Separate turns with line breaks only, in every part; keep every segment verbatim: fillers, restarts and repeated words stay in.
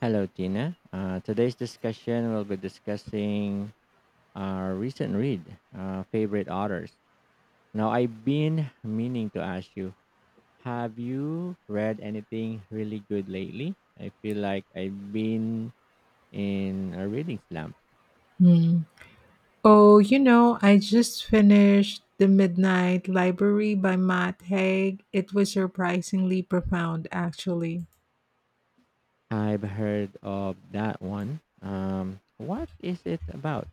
Hello, Tina. Uh, today's discussion will be discussing our recent read, uh, favorite authors. Now, I've been meaning to ask you, have you read anything really good lately? I feel like I've been in a reading slump.
Mm. Oh, you know, I just finished The Midnight Library by Matt Haig. It was surprisingly profound, actually.
I've heard of that one. Um, what is it about?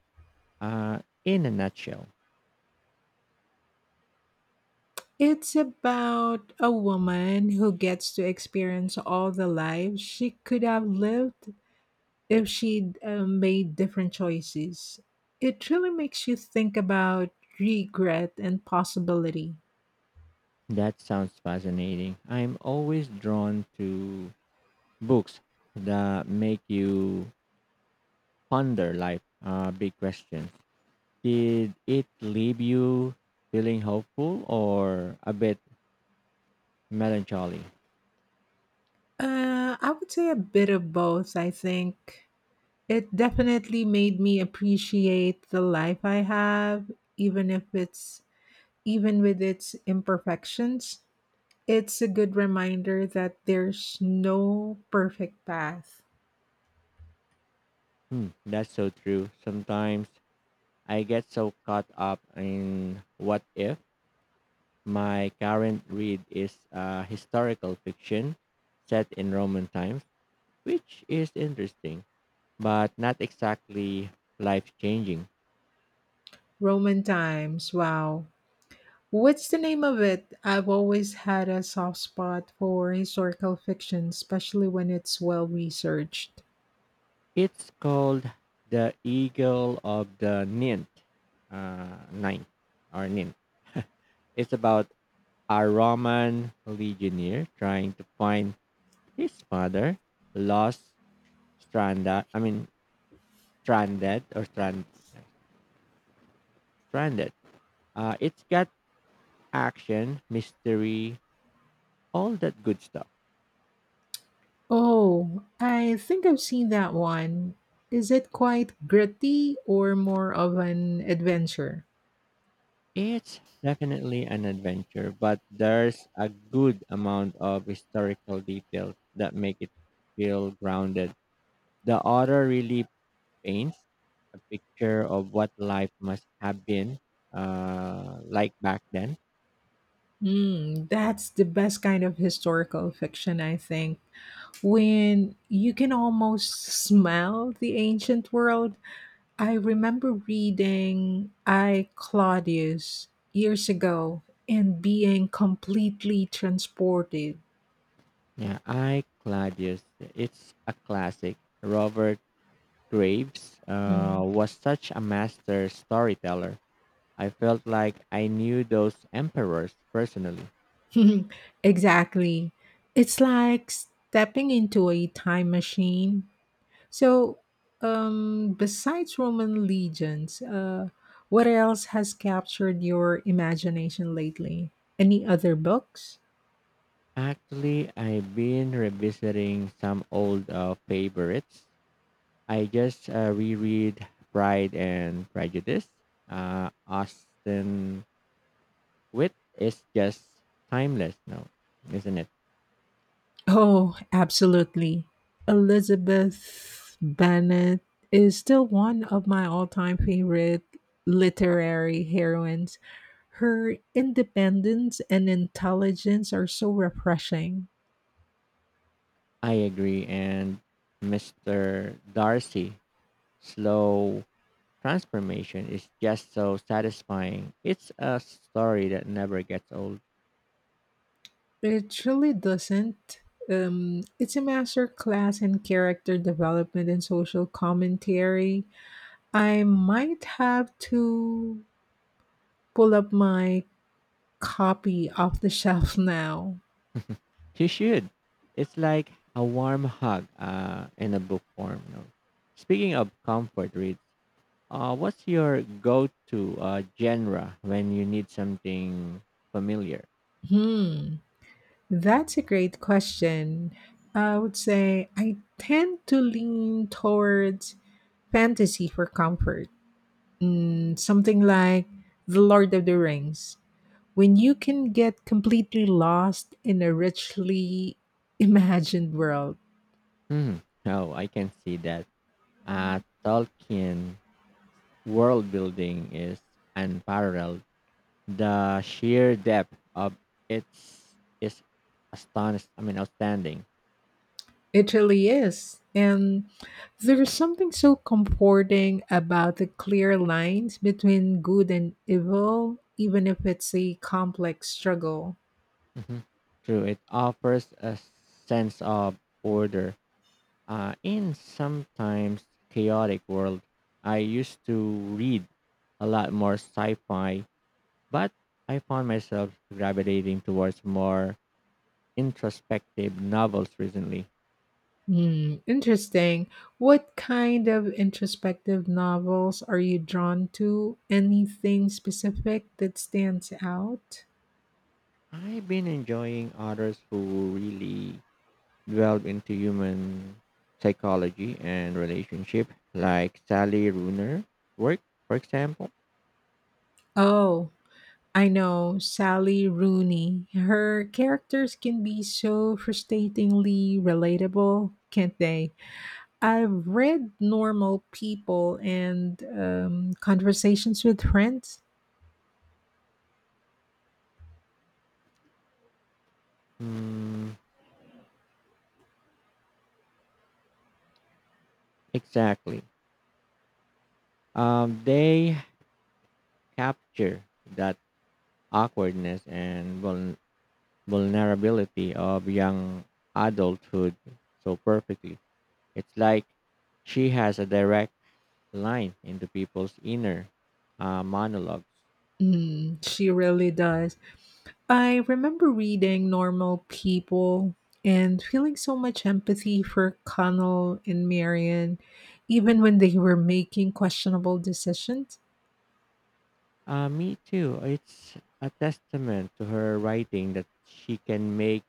Uh, in a nutshell,
It's about a woman who gets to experience all the lives she could have lived if she'd uh, made different choices. It really makes you think about regret and possibility.
that sounds fascinating. I'm always drawn to books that make you ponder life uh, big questions. Did it leave you feeling hopeful or a bit melancholy?
Uh, I would say a bit of both, I think. It definitely made me appreciate the life I have, even if it's even with its imperfections. It's a good reminder that there's no perfect path.
Hmm, that's so true. Sometimes I get so caught up in what if. My current read is uh, historical fiction set in Roman times, which is interesting, but not exactly life changing.
Roman times, wow. What's the name of it? I've always had a soft spot for historical fiction, especially when it's well researched.
It's called The Eagle of the Ninth, uh, Ninth, or Ninth It's about a Roman legionnaire trying to find his father, lost, stranded. I mean, stranded or strand, stranded. Uh, it's got action, mystery, all that good stuff.
Oh, I think I've seen that one. Is it quite gritty or more of an adventure?
It's definitely an adventure, but there's a good amount of historical details that make it feel grounded. The author really paints a picture of what life must have been uh, like back then.
Mm, that's the best kind of historical fiction, I think. When you can almost smell the ancient world. I remember reading I Claudius years ago and being completely transported.
Yeah, I Claudius. It's a classic. Robert Graves uh,
Mm.
was such a master storyteller. I felt like I knew those emperors personally.
Exactly. It's like stepping into a time machine. So, um, besides Roman legends, uh, what else has captured your imagination lately? Any other books?
Actually, I've been revisiting some old uh, favorites. I just uh, reread Pride and Prejudice. Uh, Austin Wit is just timeless now, isn't it?
Oh, absolutely. Elizabeth Bennet is still one of my all time favorite literary heroines. Her independence and intelligence are so refreshing.
I agree. And Mister Darcy slow transformation is just so satisfying. It's a story that never gets old.
It really doesn't. Um, it's a master class in character development and social commentary. I might have to pull up my copy off the shelf now.
You should. It's like a warm hug uh, in a book form. You know. Speaking of comfort reads, uh, what's your go-to uh, genre when you need something familiar?
Hmm, that's a great question. I would say I tend to lean towards fantasy for comfort. Mm, something like The Lord of the Rings. When you can get completely lost in a richly imagined world,
Hmm. Oh, I can see that. Uh, Tolkien world building is unparalleled. The sheer depth of its is astonished. I mean, outstanding.
it really is. And there is something so comforting about the clear lines between good and evil, even if it's a complex struggle.
hmm True, it offers a sense of order uh, in sometimes chaotic world. I used to read a lot more sci-fi, but I found myself gravitating towards more introspective novels recently.
Hmm, interesting. What kind of introspective novels are you drawn to? Anything specific that stands out?
I've been enjoying authors who really delve into human psychology and relationship, like Sally Runer's work, for example.
Oh, I know Sally Rooney. Her characters can be so frustratingly relatable, can't they? I've read Normal People and um, Conversations with Friends.
Mm, exactly. Um, they capture that awkwardness and vul- vulnerability of young adulthood so perfectly. It's like she has a direct line into people's inner uh, monologues.
Mm, she really does. I remember reading Normal People and feeling so much empathy for Connell and Marion, even when they were making questionable decisions.
Uh, me too. It's a testament to her writing that she can make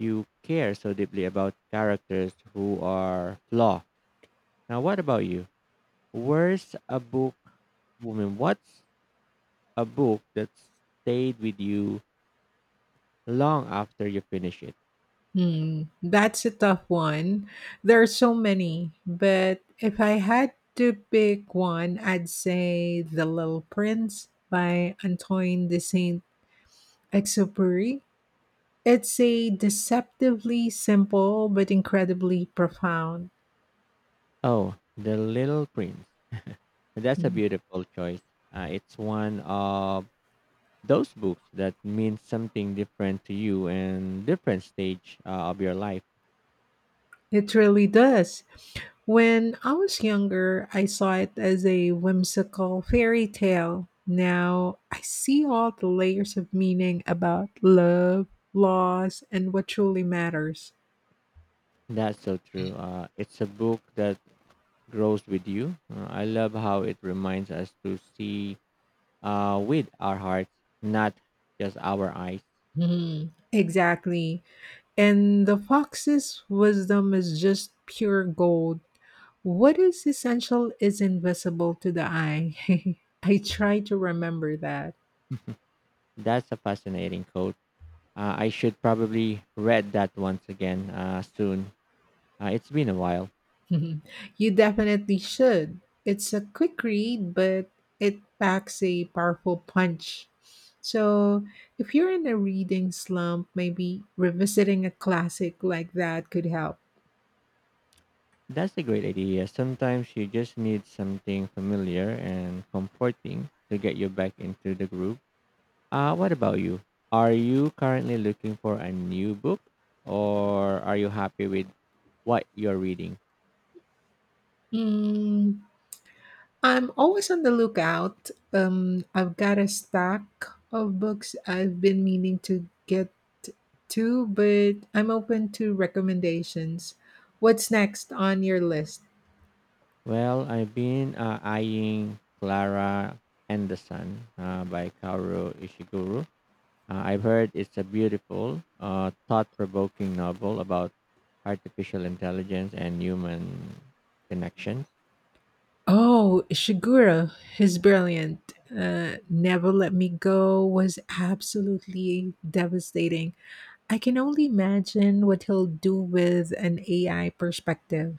you care so deeply about characters who are flawed. Now, what about you? Where's a book, woman? What's a book that stayed with you long after you finish it?
Hmm, that's a tough one. There are so many, but if I had to pick one, I'd say The Little Prince by Antoine de Saint Exupery. It's a deceptively simple but incredibly profound.
Oh, The Little Prince. That's a
Hmm.
beautiful choice. Uh, it's one of those books that means something different to you and different stage uh, of your life.
It really does. When I was younger, I saw it as a whimsical fairy tale. Now I see all the layers of meaning about love, loss, and what truly matters.
That's so true. Uh, it's a book that grows with you. Uh, I love how it reminds us to see uh, with our hearts, not just our eyes.
Hmm, exactly. And the fox's wisdom is just pure gold. What is essential is invisible to the eye. I try to remember that.
That's a fascinating quote. Uh, I should probably read that once again uh, soon. Uh, it's been a while.
Mhm. You definitely should. It's a quick read, but it packs a powerful punch. So, if you're in a reading slump, maybe revisiting a classic like that could help.
That's a great idea. Sometimes you just need something familiar and comforting to get you back into the groove. Uh, what about you? Are you currently looking for a new book or are you happy with what you're reading?
Mm, I'm always on the lookout. Um, I've got a stack of books I've been meaning to get to, but I'm open to recommendations. What's next on your list?
Well, I've been uh, eyeing Clara Anderson uh, by Kaoru Ishiguro. Uh, I've heard it's a beautiful, uh, thought-provoking novel about artificial intelligence and human connections.
Oh, Ishiguro, he's brilliant. Uh, Never Let Me Go was absolutely devastating. I can only imagine what he'll do with an A I perspective.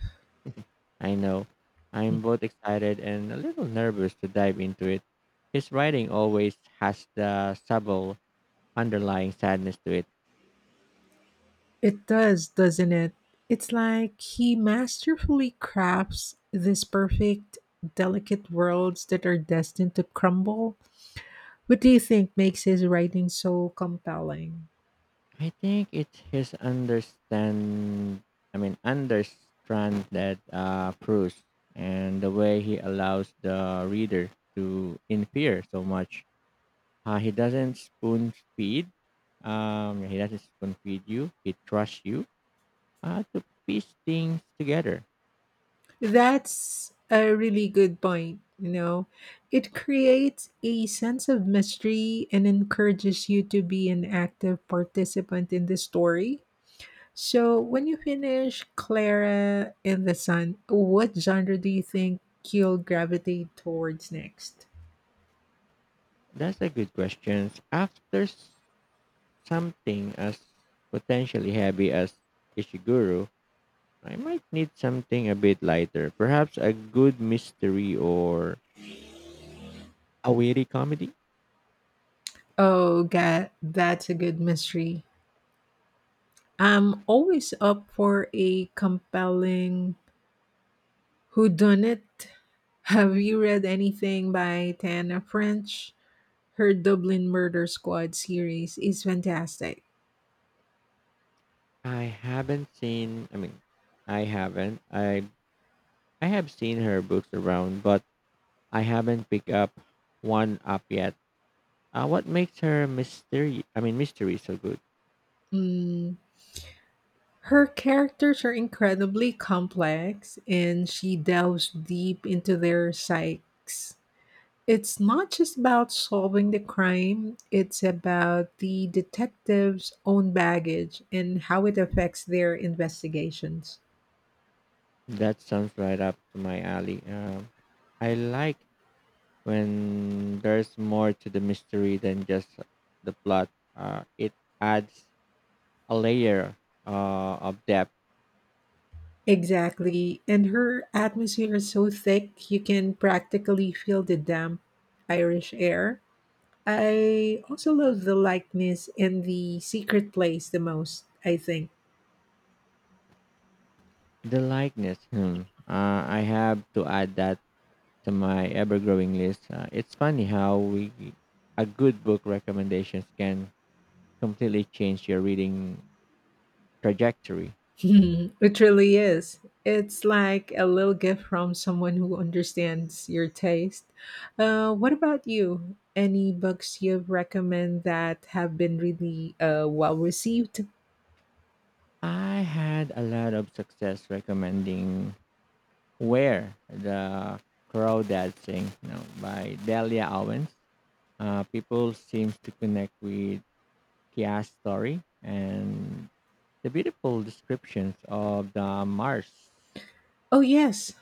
I know I'm both excited and a little nervous to dive into it. His writing always has the subtle underlying sadness to it.
It does, doesn't it? It's like he masterfully crafts these perfect, delicate worlds that are destined to crumble. What do you think makes his writing so compelling?
I think it's his understand. I mean, understand that uh, proves and the way he allows the reader to infer so much. Uh, he doesn't spoon feed. Um, he doesn't spoon feed you. He trusts you uh, to piece things together.
That's a really good point. You know, it creates a sense of mystery and encourages you to be an active participant in the story. So, when you finish Clara in the Sun, what genre do you think you'll gravitate towards next?
That's a good question. After s- something as potentially heavy as Ishiguro, I might need something a bit lighter, perhaps a good mystery or a witty comedy.
Oh, God, that's a good mystery. I'm always up for a compelling whodunit. Have you read anything by Tana French? Her Dublin Murder Squad series is fantastic.
I haven't seen, I mean, I haven't. I I have seen her books around, but I haven't picked up one up yet. Uh, what makes her mystery? I mean, mystery so good.
Mm, her characters are incredibly complex and she delves deep into their psyches. It's not just about solving the crime, it's about the detective's own baggage and how it affects their investigations.
That sounds right up to my alley. Um, I like when there's more to the mystery than just the plot. Uh, it adds a layer uh, of depth.
Exactly. And her atmosphere is so thick, you can practically feel the damp Irish air. I also love the likeness in the secret place the most, I think.
The likeness. Hmm. Uh, I have to add that to my ever-growing list. Uh, it's funny how we a good book recommendations can completely change your reading trajectory.
It really is. It's like a little gift from someone who understands your taste. Uh, what about you? Any books you recommend that have been really uh, well received?
I had a lot of success recommending Where the Crawdads Sing you know, by Delia Owens. Uh, people seem to connect with Kia's story and the beautiful descriptions of the Mars.
Oh, yes.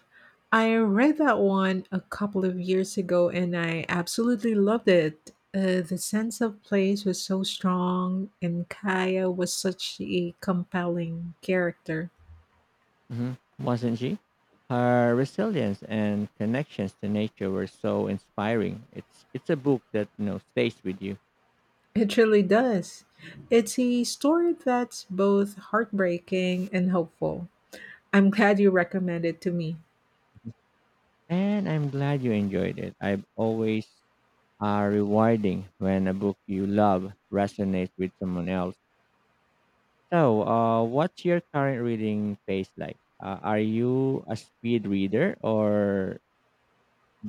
I read that one a couple of years ago and I absolutely loved it. Uh, the sense of place was so strong, and Kaya was such a compelling character.
Mhm. Wasn't she? Her resilience and connections to nature were so inspiring. It's it's a book that you know stays with you,
It really does. It's a story that's both heartbreaking and hopeful. I'm glad you recommended it to me.
and I'm glad you enjoyed it. I've always are rewarding when a book you love resonates with someone else. So, uh, what's your current reading pace like? Uh, are you a speed reader or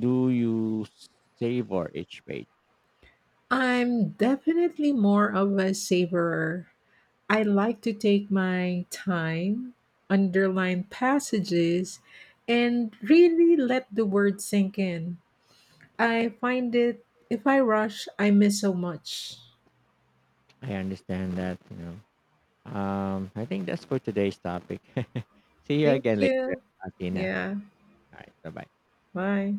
do you savor each page?
I'm definitely more of a savorer. I like to take my time, underline passages, and really let the words sink in. I find it if I rush, I miss so much.
I understand that, you know. Um, I think that's for today's topic. See you
Thank
again later,
you.
Athena.
Yeah.
All right, bye-bye.
Bye.